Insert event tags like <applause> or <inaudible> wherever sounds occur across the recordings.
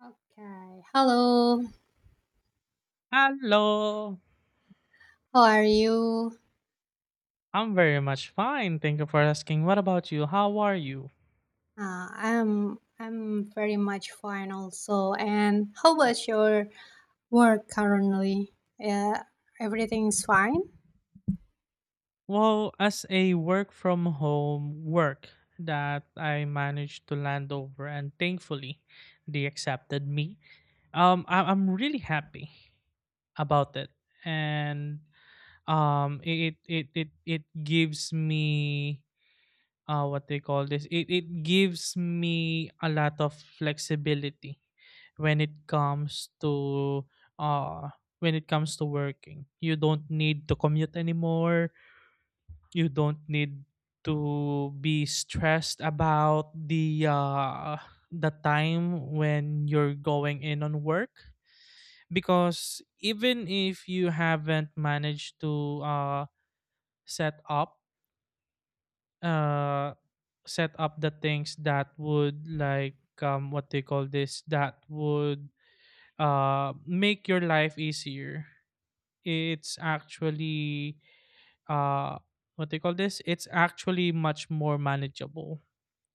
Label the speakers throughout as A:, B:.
A: Okay. Hello.
B: Hello.
A: How are you?
B: I'm very much fine. Thank you for asking. What about you? How are you?
A: I'm very much fine also. And how about your work currently? Uh, Everything's fine.
B: Well, as a work from home work that I managed to land over and thankfully they accepted me. I'm really happy about it. And it gives me what they call this, it gives me a lot of flexibility when it comes to, uh when it comes to working, you don't need to commute anymore. You don't need to be stressed about the, the time when you're going in on work, because even if you haven't managed to set up uh set up the things that would, like, what they call this, that would make your life easier. It's actually, uh what they call this, it's actually much more manageable.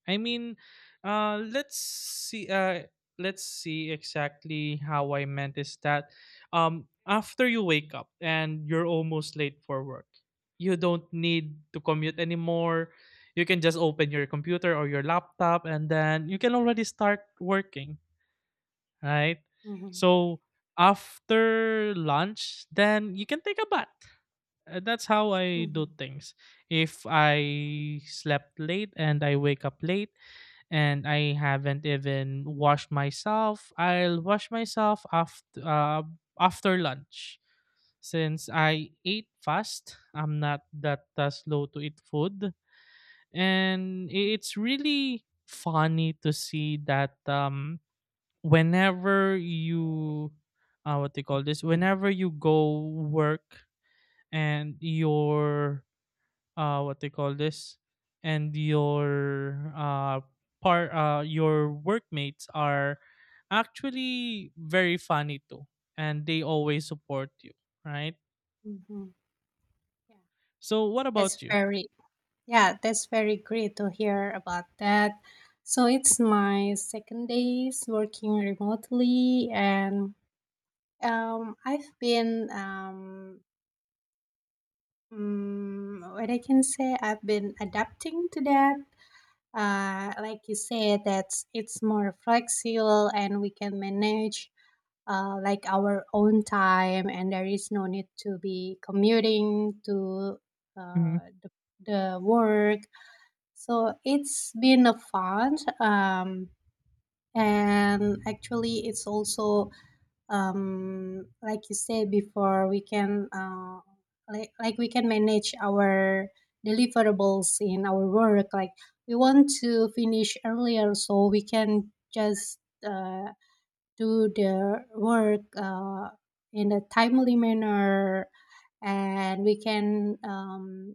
B: I mean, let's see. Let's see exactly how I meant is that, after you wake up and you're almost late for work, you don't need to commute anymore. You can just open your computer or your laptop, and then you can already start working, right?
A: Mm-hmm.
B: So after lunch, then you can take a bath. That's how I do
A: Mm-hmm.
B: things. If I slept late and I wake up late and I haven't even washed myself, I'll wash myself after, after lunch, since I ate fast. I'm not that slow to eat food, and
A: Mm-hmm.
B: it's really funny to see that, whenever you, what do you call this, whenever you go work, and your, what they call this, and your par your workmates are actually very funny too, and they always support you, right?
A: Mm-hmm. Yeah.
B: So what
A: That's
B: about you?
A: very Yeah. That's very great to hear about that. So it's my second days working remotely, and I've been what I can say, I've been adapting to that. Like you said, that it's more flexible and we can manage like our own time, and there is no need to be commuting to
B: Hmm.
A: uh, the, the work. So it's been a fun, and actually, it's also like you said before, we can like we can manage our deliverables in our work. Like we want to finish earlier, so we can just uh, do the work in a timely manner, and we can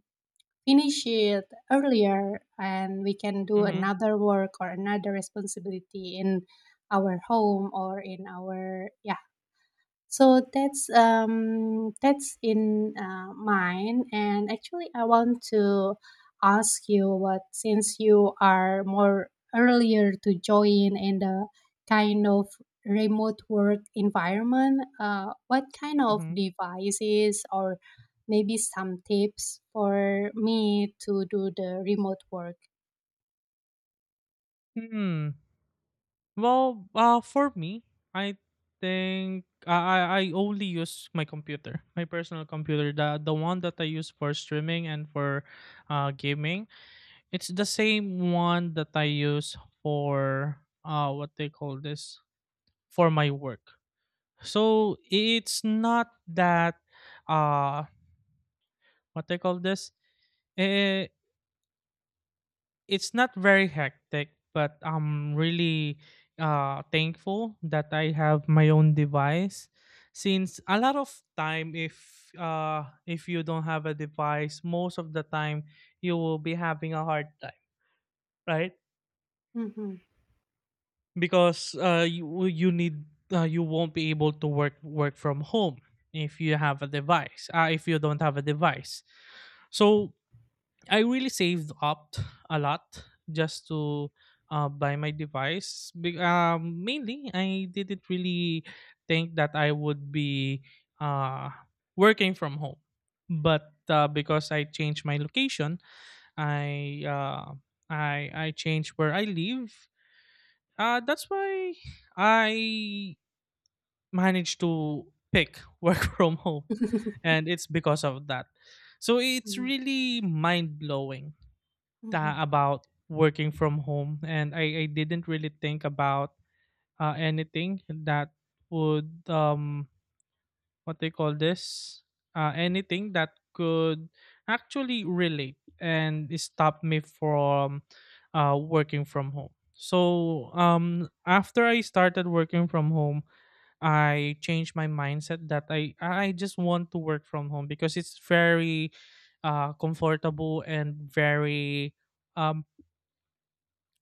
A: finish it earlier, and we can do
B: Hmm.
A: another work or another responsibility in our home or in our, yeah. So that's in mine, and actually I want to ask you, what since you are more earlier to join in the kind of remote work environment, what kind of
B: Hmm.
A: devices or maybe some tips for me to do the remote work?
B: Hmm. Well, for me, I think, I only use my computer, my personal computer, the one that I use for streaming and for gaming. It's the same one that I use for, what they call this, for my work. So it's not that, uh what they call this, eh, it's not very hectic, but I'm really thankful that I have my own device, since a lot of time, if you don't have a device, most of the time you will be having a hard time, right?
A: Hmm.
B: Because, you, well, you need, you won't be able to work from home if you have a device, if you don't have a device. So I really saved up a lot just to, buy my device. Mainly, I didn't really think that I would be, uh, working from home, but, because I changed my location, i uh, i changed where I live. That's why I managed to pick <laughs> work from home,
A: <laughs>
B: and it's because of that. So it's
A: Mm-hmm.
B: really mind blowing
A: Mm-hmm.
B: ta about working from home, and, I didn't really think about, anything that would, what they call this, anything that could actually relate and stop me from, working from home. So, after I started working from home, I changed my mindset that i just want to work from home because it's very comfortable and very, um,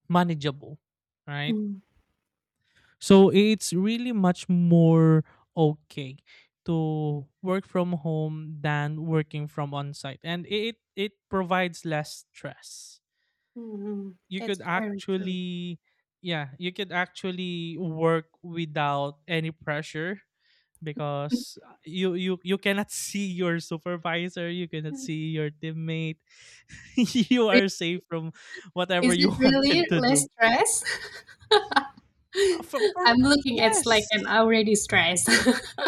B: manageable, right?
A: Mm.
B: So it's really much more okay to work from home than working from on site. And it provides less stress.
A: Mhm.
B: You could
A: That's very true.
B: actually, yeah, you could actually work without any pressure, because, you cannot <laughs> see your supervisor, you cannot see your teammate. <laughs> You are
A: <laughs>
B: safe from whatever
A: Is
B: you
A: it
B: <laughs>
A: really
B: wanted to
A: less
B: do.
A: stress? <laughs>
B: For me,
A: I'm looking at, like,
B: yes.
A: I'm already stressed. <laughs>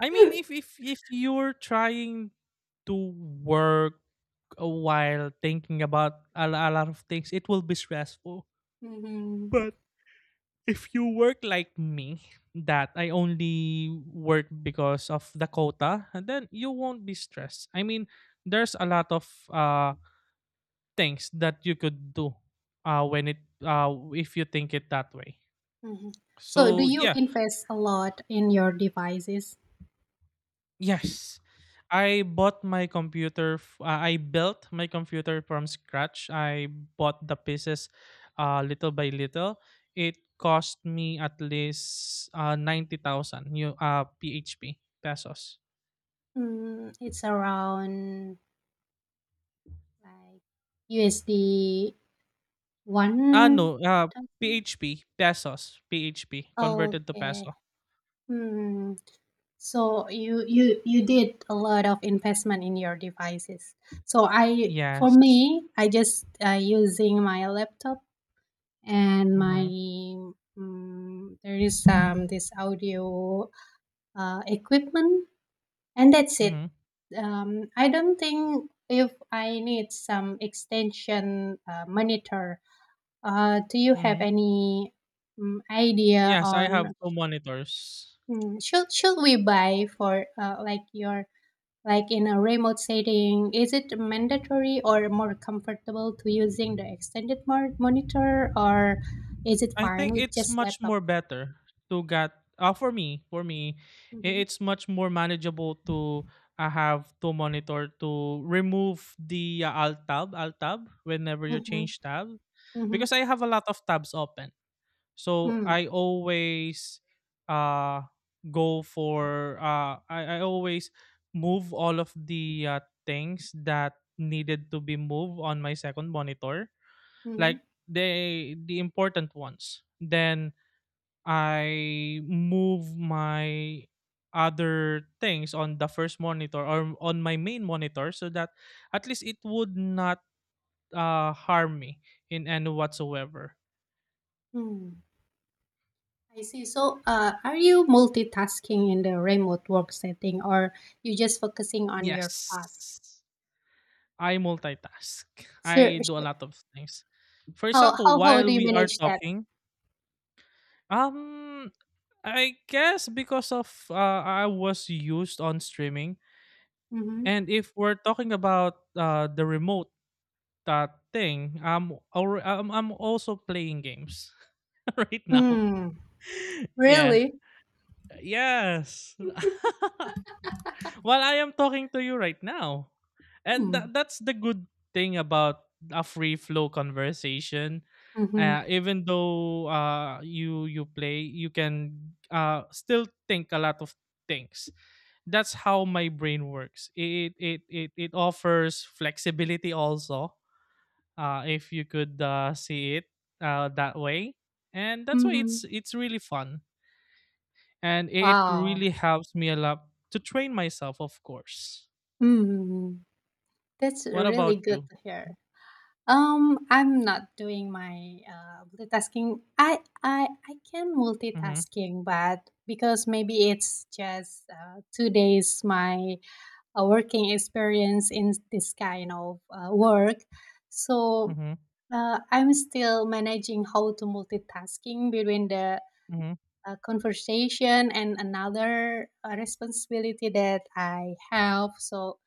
B: I mean, if you're trying to work a while thinking about a lot of things, it will be stressful.
A: Mhm,
B: But if you work like me, that I only work because of the quota, and then you won't be stressed. I mean, there's a lot of things that you could do, when it if you think it that way.
A: mhm. So, do
B: So,
A: you
B: yeah.
A: invest a lot in your devices?
B: Yes, I bought my computer. I built my computer from scratch. I bought the pieces, little by little. It cost me at least 90,000 new PHP pesos.
A: Mm, it's around like USD
B: Ah,
A: one
B: no,
A: thousand.
B: PHP pesos. PHP converted to
A: Okay.
B: peso.
A: Hmm. So you did a lot of investment in your devices. So I for
B: Yes.
A: me, I just using my laptop and my
B: Mm-hmm.
A: there is this audio equipment, and that's it.
B: Mm-hmm.
A: I don't think if I need some extension monitor. Do you have
B: Mm-hmm.
A: any idea
B: Yes, I
A: on,
B: have two monitors.
A: should we buy for like your, like in a remote setting is it mandatory or more comfortable to using the extended monitor, or is it
B: I
A: fine
B: think
A: with
B: it's
A: just
B: much
A: laptop?
B: more better to get, for me,
A: Mhm,
B: it's much more manageable to, have to monitor to remove the, alt tab, alt tab whenever you
A: mhm,
B: change tab,
A: mhm,
B: because I have a lot of tabs open, so
A: mm,
B: I always, uh go for, I always move all of the, things that needed to be moved on my second monitor, like,
A: mhm,
B: the important ones. Then I move my other things on the first monitor or on my main monitor, so that at least it would not harm me in any whatsoever.
A: mm. I see. So, are you multitasking in the remote work setting, or you just focusing on your
B: Yes,
A: task?
B: I multitask.
A: So,
B: I do a
A: sh-
B: lot of things. For
A: how
B: example,
A: how how
B: while
A: do you
B: we are
A: manage that?
B: talking, um I guess because of, I was used on streaming.
A: Mm-hmm.
B: And if we're talking about, the remote, thing, I'm, alre- I'm also playing games <laughs> right now.
A: Mm,
B: Yeah.
A: really?
B: Yes. <laughs> Well, I am talking to you right now. And
A: Mm,
B: that's the good thing about a free flow conversation.
A: mm-hmm,
B: Even though, you play, you can, still think a lot of things. That's how my brain works. It offers flexibility also. If you could, see it, that way, and that's why
A: mm-hmm.
B: it's really fun, and it
A: Wow.
B: really helps me a lot to train myself, of course.
A: Mm, that's
B: What
A: really
B: about
A: good
B: you?
A: to hear. I'm not doing my multitasking. I can
B: Mhm.
A: multitasking, but because maybe it's just 2 days my working experience in this kind of work, so
B: Mhm.
A: I'm still managing how to multitasking between the
B: Mhm.
A: conversation and another responsibility that I have. So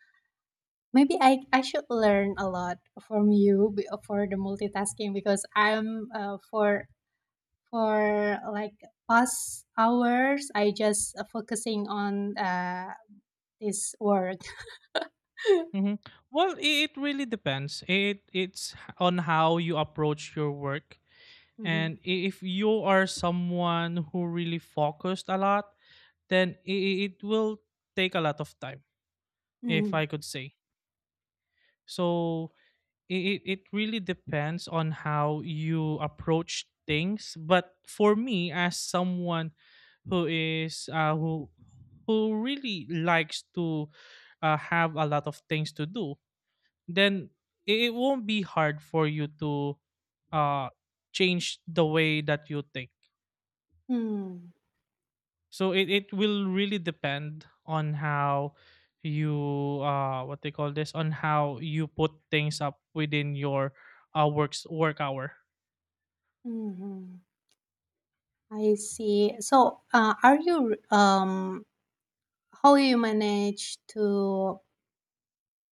A: maybe I should learn a lot from you for the multitasking, because I'm for like past hours I just focusing on this word. <laughs>
B: Mhm. Well, it really depends. It's on how you approach your work.
A: Mhm.
B: And, if you are someone who really focused a lot, then, it will take a lot of time, if
A: Mhm.
B: I could say. So it really depends on how you approach things, but for me as someone who is, who really likes to, have a lot of things to do, then it won't be hard for you to, uh, change the way that you think,
A: Mhm.
B: so it will really depend on how you, what they call this, on how you put things up within your work hour.
A: Mhm. <laughs> I see. So, are you how you manage to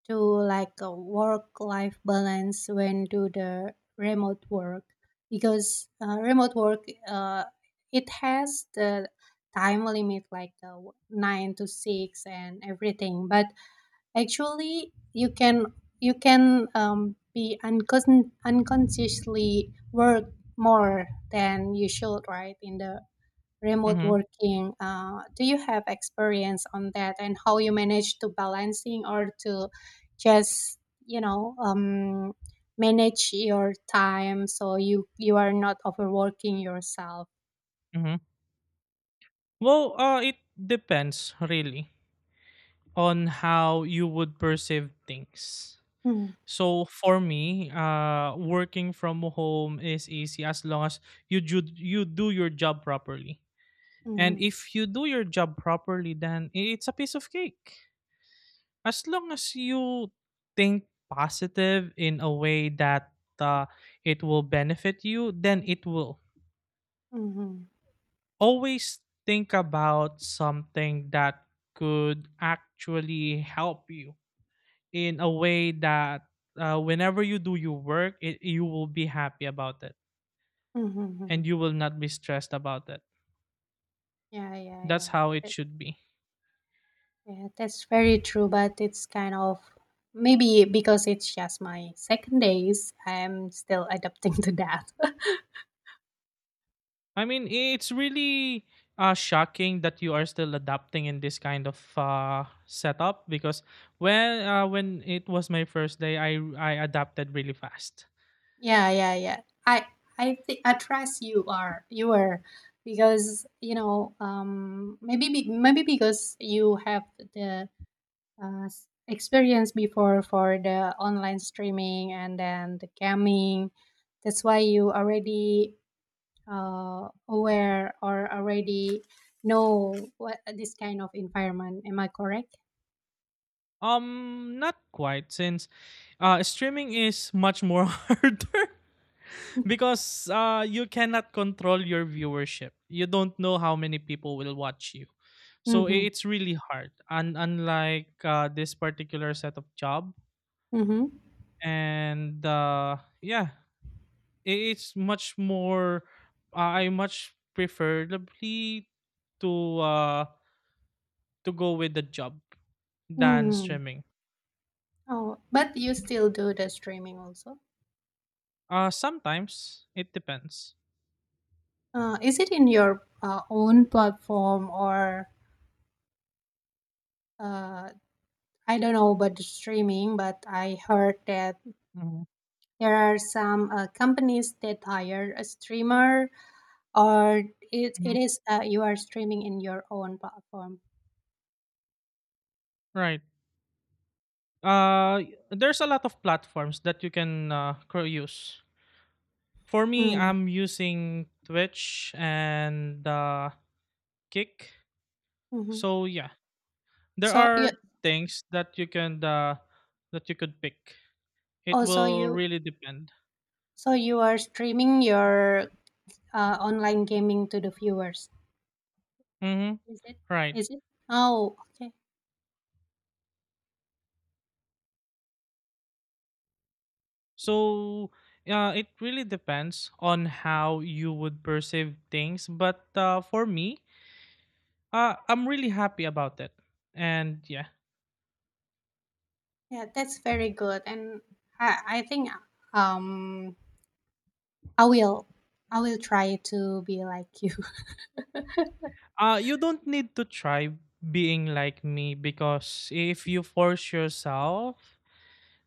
A: like a work life balance when do the remote work, because remote work it has the time limit like 9 to 6 and everything, but actually you can be unconsciously work more than you should, right, in the remote
B: Mhm.
A: working. Do you have experience on that, and how you manage to balancing, or to just you know um, manage your time so you are not overworking yourself?
B: Mhm. Well, it depends really on how you would perceive things.
A: Mm,
B: So for me, working from home is easy as long as you do your job properly. And
A: mhm,
B: if you do your job properly, then it's a piece of cake. As long as you think positive in a way that, it will benefit you, then it will.
A: mhm,
B: Always think about something that could actually help you in a way that, whenever you do your work, you will be happy about it,
A: mhm, mhm.
B: and you will not be stressed about it.
A: Yeah, yeah,
B: That's
A: yeah.
B: how it
A: That-
B: should be.
A: Yeah, that's very true, but it's kind of maybe because it's just my second days, I'm still adapting <laughs> to that.
B: I mean, it's really, shocking that you are still adapting in this kind of, setup, because, when it was my first day, I adapted really fast.
A: Yeah, yeah, yeah. I think I trust you are because you know maybe maybe because you have the experience before for the online streaming and then the gaming. That's why you already aware or already know what this kind of environment. Am I correct?
B: Not quite, since, streaming is much more <laughs> harder, because, you cannot control your viewership. You don't know how many people will watch you, so,
A: Mm-hmm.
B: it's really hard. And unlike, this particular set of job.
A: Mm-hmm.
B: And, yeah, i- it's much more. I much preferably to, to go with the job than
A: Mm-hmm.
B: streaming.
A: Oh, but you still do the streaming also.
B: Sometimes it depends.
A: Is it in your own platform, or uh, I don't know about the streaming, but I heard that there are some companies that hire a streamer, or it
B: Mhm.
A: is you are streaming in your own platform.
B: Right. There's a lot of platforms that you can, use. For me,
A: Mm,
B: I'm using Twitch and, Kick.
A: mhm.
B: So yeah, there
A: So you
B: are things that you can that you could pick. It
A: also
B: will
A: you
B: really depend.
A: so you are streaming your online gaming to the viewers.
B: Mm-hmm.
A: Is it?
B: Right.
A: Is it? Oh, okay.
B: So, it really depends on how you would perceive things. But, for me, I'm really happy about it. And, yeah.
A: Yeah, that's very good, and I think um I will. I will try to be like you. <laughs>
B: You don't need to try being like me, because if you force yourself,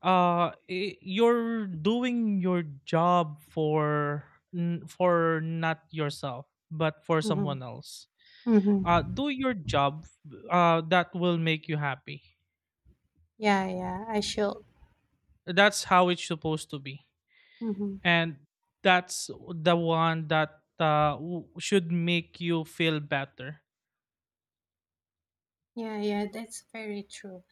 B: you're doing your job for, for not yourself, but for
A: Mhm,
B: someone else.
A: mhm.
B: Do your job. That will make you happy.
A: Yeah, yeah, I should.
B: That's how it's supposed to be,
A: Mhm.
B: and that's the one that, should make you feel better.
A: Yeah, yeah, that's very true.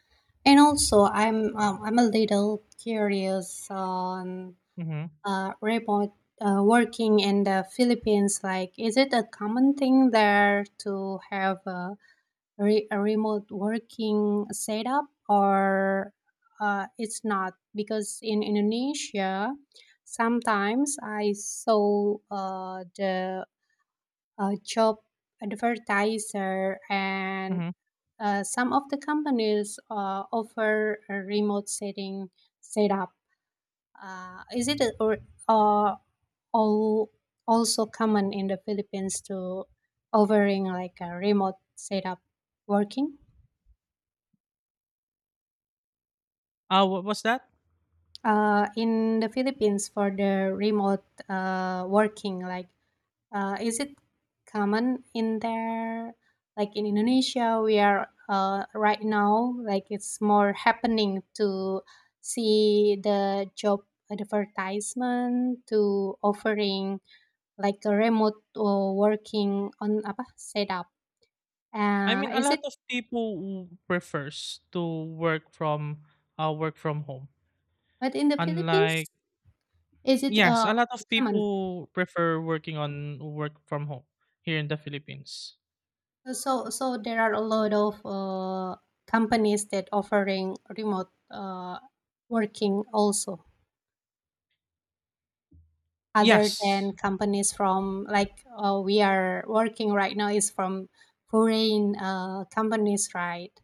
A: And also, I'm a little curious on
B: Mm-hmm.
A: remote working in the Philippines. Like, is it a common thing there to have a a remote working setup, or it's not? Because in Indonesia, sometimes I saw the job advertiser, and
B: Mm-hmm.
A: some of the companies offer a remote setting setup. Is it or uh, all, also common in the Philippines to offering like a remote setup working?
B: What was that?
A: In the Philippines for the remote working, like is it common in there? Like in Indonesia, we are right now, like it's more happening to see the job advertisement to offering like a remote working on apa setup.
B: I mean, a
A: Is
B: lot
A: it?
B: of people, prefers to work from work from home.
A: But in the Philippines,
B: Unlike
A: is it
B: Yes, a lot of
A: common?
B: people prefer working on work from home here in the Philippines.
A: So, so there are a lot of companies that offering remote working also, other than
B: Yes.
A: companies from like we are working right now is from foreign companies, right?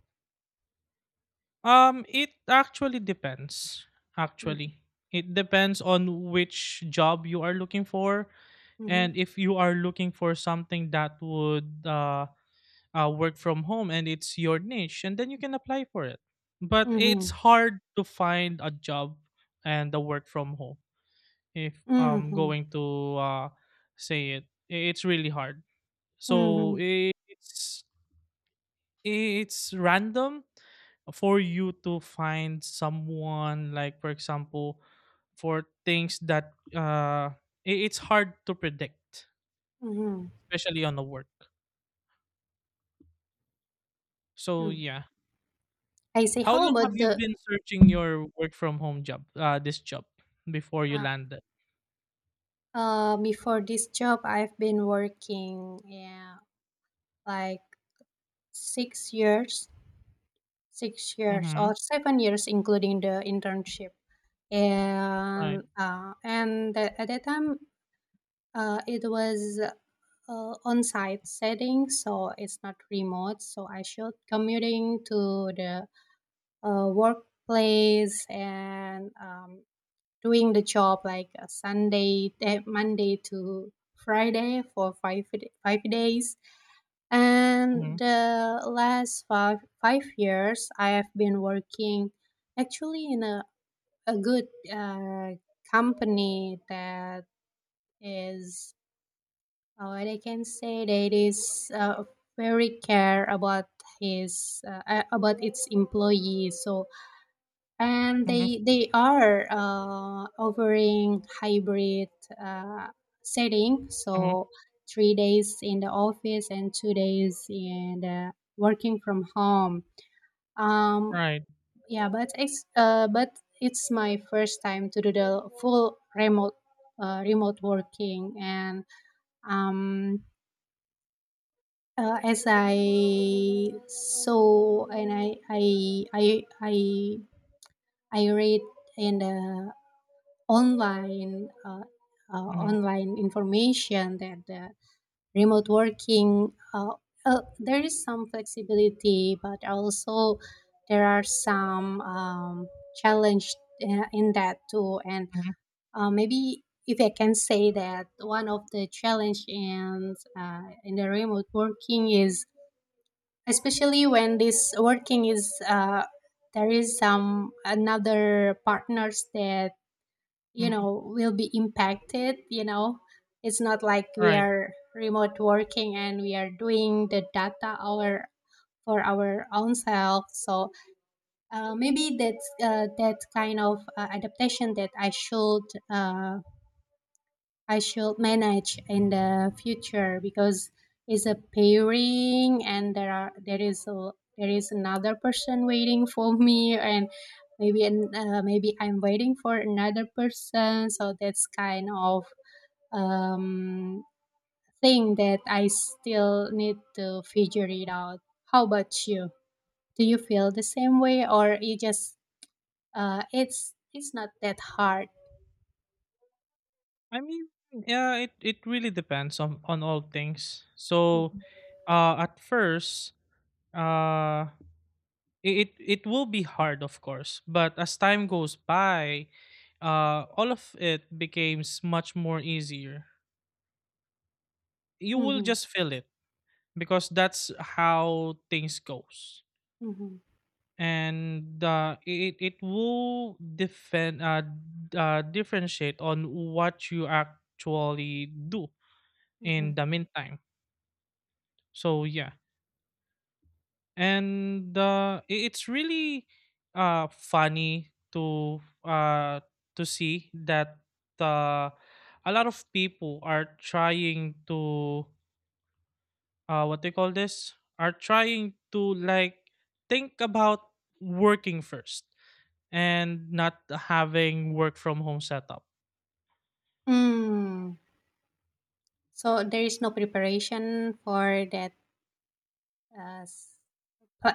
B: It actually depends. Actually, it depends on which job you are looking for,
A: Mm-hmm.
B: and if you are looking for something that would work from home and it's your niche and then you can apply for it, but it's
A: Mm-hmm.
B: hard to find a job and a work from home. If I'm
A: Mm-hmm.
B: going to say it, it's really hard.
A: Mm-hmm.
B: So it's random for you to find someone, like, for example, for things that it's hard to predict,
A: Mm-hmm.
B: especially on the work. So
A: Mm-hmm.
B: yeah.
A: I say,
B: How
A: how
B: long have
A: about
B: you
A: the
B: been searching your work from home job, this job before you
A: uh,
B: landed?
A: before this job, I've been working, yeah, like six years 6 years
B: Mhm.
A: or 7 years, including the internship.
B: Right.
A: And at that time, it was on-site setting, so it's not remote. So I should commuting to the workplace, and doing the job like Sunday, Monday to Friday for 5 days, and
B: Mhm.
A: the last five years, I have been working actually in a good uh, company that is, what I can say, that is very care about his about its employees. So, and
B: Mhm.
A: they are offering hybrid uh, setting
B: Mhm.
A: so 3 days in the office and 2 days in the working from home, um
B: Right.
A: yeah. But it's my first time to do the full remote remote working, and um as I saw and I read in the online uh,
B: Mhm.
A: online information that the remote working there is some flexibility, but also there are some challenge in that too, and
B: Mhm.
A: maybe if I can say that one of the challenge in the remote working is especially when this working is there is some another partners that
B: Mhm.
A: will be impacted. It's not like we
B: Right.
A: are remote working and we are doing the data our for our own self, so maybe that's that kind of adaptation that uh, I should manage in the future, because it's a pairing and there is a, there is another person waiting for me, and maybe maybe I'm waiting for another person, so that's kind of um, thing that I still need to figure it out. How about you? Do you feel the same way, or it just it's not that hard?
B: I mean, yeah, it really depends on all things. So,
A: Mhm.
B: at first, uh, it will be hard, of course, but as time goes by, all of it becomes much more easier. You will
A: Mhm.
B: just feel it because that's how things goes.
A: Mhm.
B: And it it will defend differentiate on what you actually do
A: Mhm.
B: in the meantime. So yeah, and it's really funny to see that uh, a lot of people are trying to, what they call this, are trying to, like, think about working first and not having work from home setup.
A: Mm. So there is no preparation for that uh, s- uh,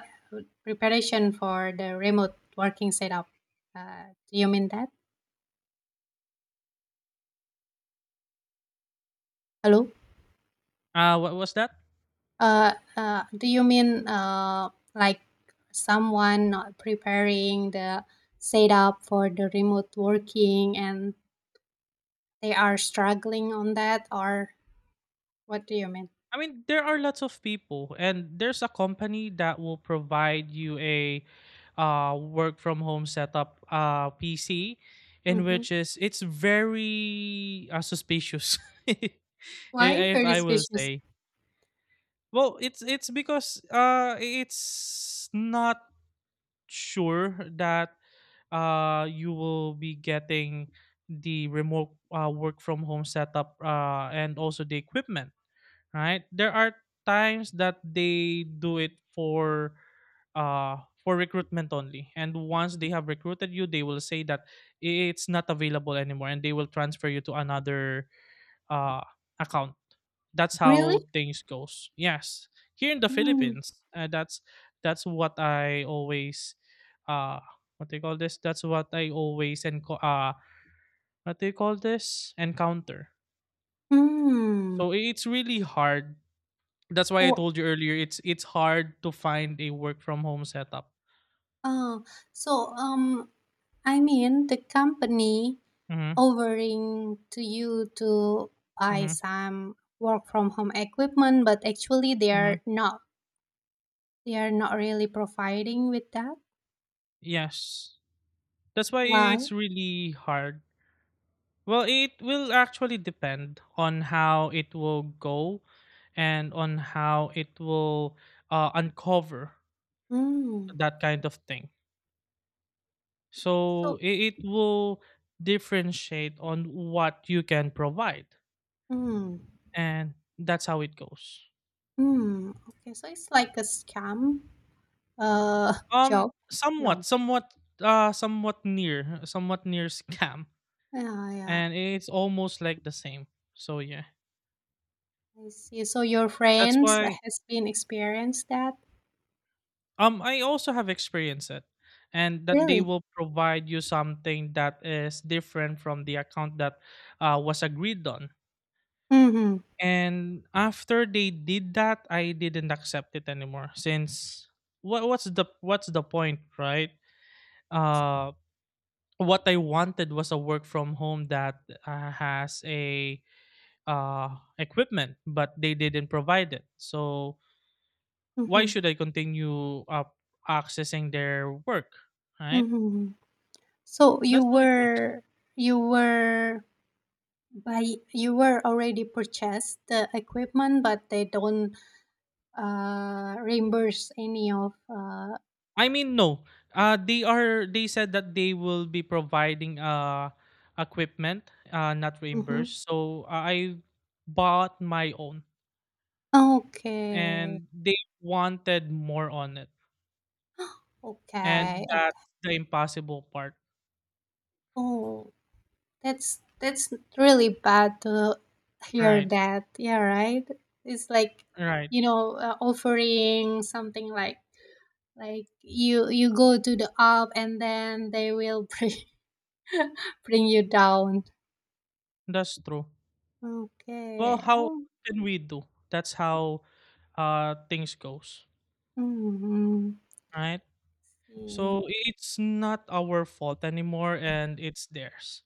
A: preparation for the remote working setup. Uh, do you mean that? Hello.
B: What was that?
A: Do you mean like someone not preparing the setup for the remote working and they are struggling on that, or what do you mean?
B: I mean, there are lots of people, and there's a company that will provide you a work from home setup, PC, in
A: Mm-hmm.
B: which is it's very suspicious, <laughs> i-
A: Why
B: if
A: very
B: I will
A: suspicious?
B: say. Well, it's because it's not sure that you will be getting the remote work from home setup, and also the equipment, right? There are times that they do it for recruitment only. And once they have recruited you, they will say that it's not available anymore and they will transfer you to another uh account. That's
A: Really?
B: how things goes. Yes. Here in the
A: Hmm.
B: Philippines, that's what I always uh what do you call this? That's what I always what do you call this? Encounter.
A: Hmm.
B: So it's really hard. That's why I
A: Oh,
B: told you earlier, it's hard to find a work from home setup.
A: uh, so I mean, the company
B: Mhm.
A: offering to you to buy
B: Mhm.
A: some work from home equipment, but actually they are
B: Mhm.
A: not. They are not really providing with that.
B: Yes. That's why
A: Why?
B: it's really hard. Well, it will actually depend on how it will go and on how it will uncover
A: Mm.
B: that kind of thing.
A: So,
B: So it will differentiate on what you can provide.
A: mm,
B: And that's how it goes.
A: mm. Okay, so it's like a scam uh <laughs> job. No.
B: Somewhat, somewhat, somewhat near <laughs> scam,
A: Yeah, yeah.
B: and it's almost like the same. So yeah,
A: I see. So your
B: that's
A: friends
B: why.
A: has been experienced that?
B: I also have experienced it, and that they
A: Really?
B: will provide you something that is different from the account that was agreed on.
A: Mm-hmm.
B: And after they did that, I didn't accept it anymore since what's the point, right? Uh, what I wanted was a work from home that has a uh, equipment, but they didn't provide it. So why
A: Mm-hmm.
B: should I continue accessing their work? Right?
A: Mm-hmm. So you
B: That's how it works.
A: were you were By you were already purchased the equipment, but they don't reimburse any of.
B: I mean, no. They are. They said that they will be providing equipment, not
A: Mhm.
B: reimbursed. So I bought my own,
A: Okay,
B: and they wanted more on it, and
A: okay,
B: that's
A: okay.
B: the impossible part.
A: Oh, that's really bad to hear
B: Right.
A: that. Yeah, right. It's like,
B: Right.
A: offering something like, you go to the up and then they will bring <laughs> bring you down.
B: That's true. Well,
A: Okay.
B: how
A: Oh,
B: can we do? That's how things goes,
A: mhm.
B: right?
A: See.
B: So it's not our fault anymore and it's theirs.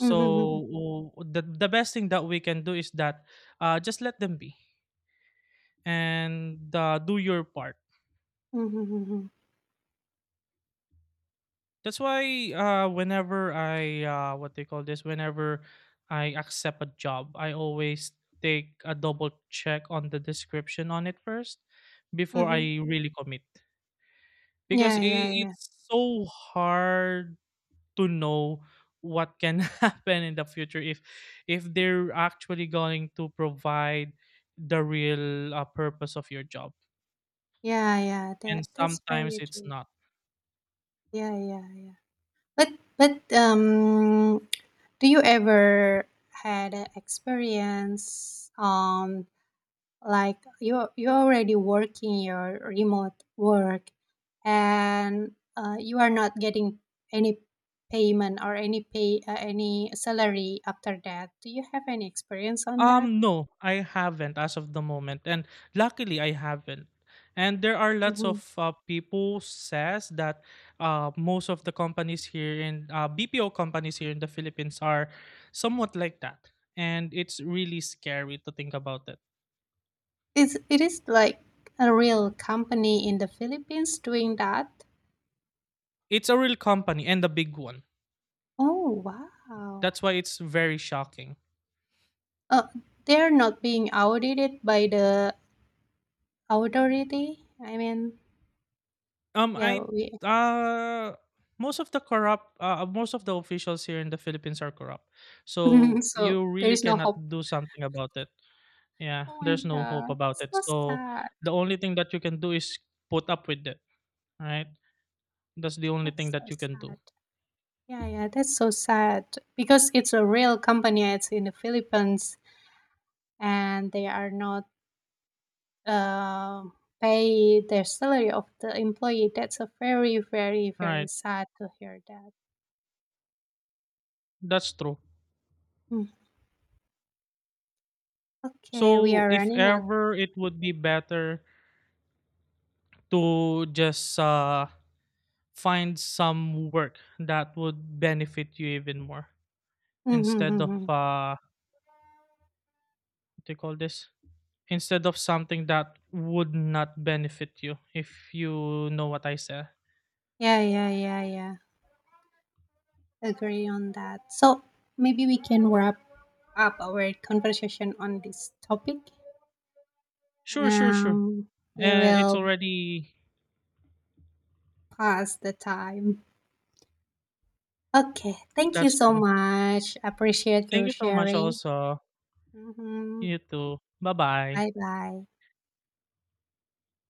A: Mhm, mhm,
B: the best thing that we can do is that just let them be and do your part.
A: mhm, mhm,
B: That's why whenever I what they call this, whenever I accept a job, I always take a double check on the description on it first before
A: mhm.
B: I really commit. Because
A: Yeah,
B: I
A: yeah, yeah.
B: it's so hard to know what can <laughs> happen in the future, if they're actually going to provide the real purpose of your job.
A: Yeah, yeah,
B: And
A: that's
B: sometimes
A: very
B: it's
A: true.
B: not.
A: Yeah, yeah, yeah. But but do you ever had an experience like you're already working your remote work and you are not getting any payment or any salary after that. Do you have any experience on that?
B: No, I haven't as of the moment, and luckily I haven't. And there are lots of people says that most of the companies here in BPO companies here in the Philippines are somewhat like that, and it's really scary to think about it.
A: It's, it is like a real company in the Philippines doing that.
B: It's a real company and a big one.
A: Oh, wow.
B: That's why it's very shocking.
A: Uh, they're not being audited by the authority. I mean, yeah,
B: I
A: we,
B: uh most of the corrupt most of the officials here in the Philippines are corrupt,
A: <laughs>
B: so
A: so
B: you
A: there
B: really
A: is no
B: cannot
A: hope.
B: do something about it. Yeah,
A: Oh my
B: there's no hope
A: God,
B: about
A: that's
B: it.
A: so
B: So
A: sad.
B: the only thing that you can do is put up with it, right? That's the only thing
A: That's so
B: that you can do.
A: sad. Yeah, yeah, that's so sad because it's a real company. It's in the Philippines, and they are not uh, pay their salary of the employee. That's a very, very, very
B: Right.
A: sad to hear that.
B: That's true.
A: Mm. Okay, we
B: So
A: are
B: if
A: running out.
B: ever it would be better to just find some work that would benefit you even more, instead of
A: Mm-hmm.
B: what do you call this? Instead of something that would not benefit you, if you know what I said.
A: Yeah, yeah, yeah, yeah. Agree on that. So maybe we can wrap up our conversation on this topic.
B: Sure, sure, sure.
A: Um, we
B: Eh, it's
A: will
B: already
A: pass the time. Okay, thank you
B: that's
A: so
B: true.
A: much. Appreciate
B: Thank
A: your
B: you so much
A: sharing.
B: also.
A: Mm-hmm.
B: You too. Bye-bye.
A: Bye bye.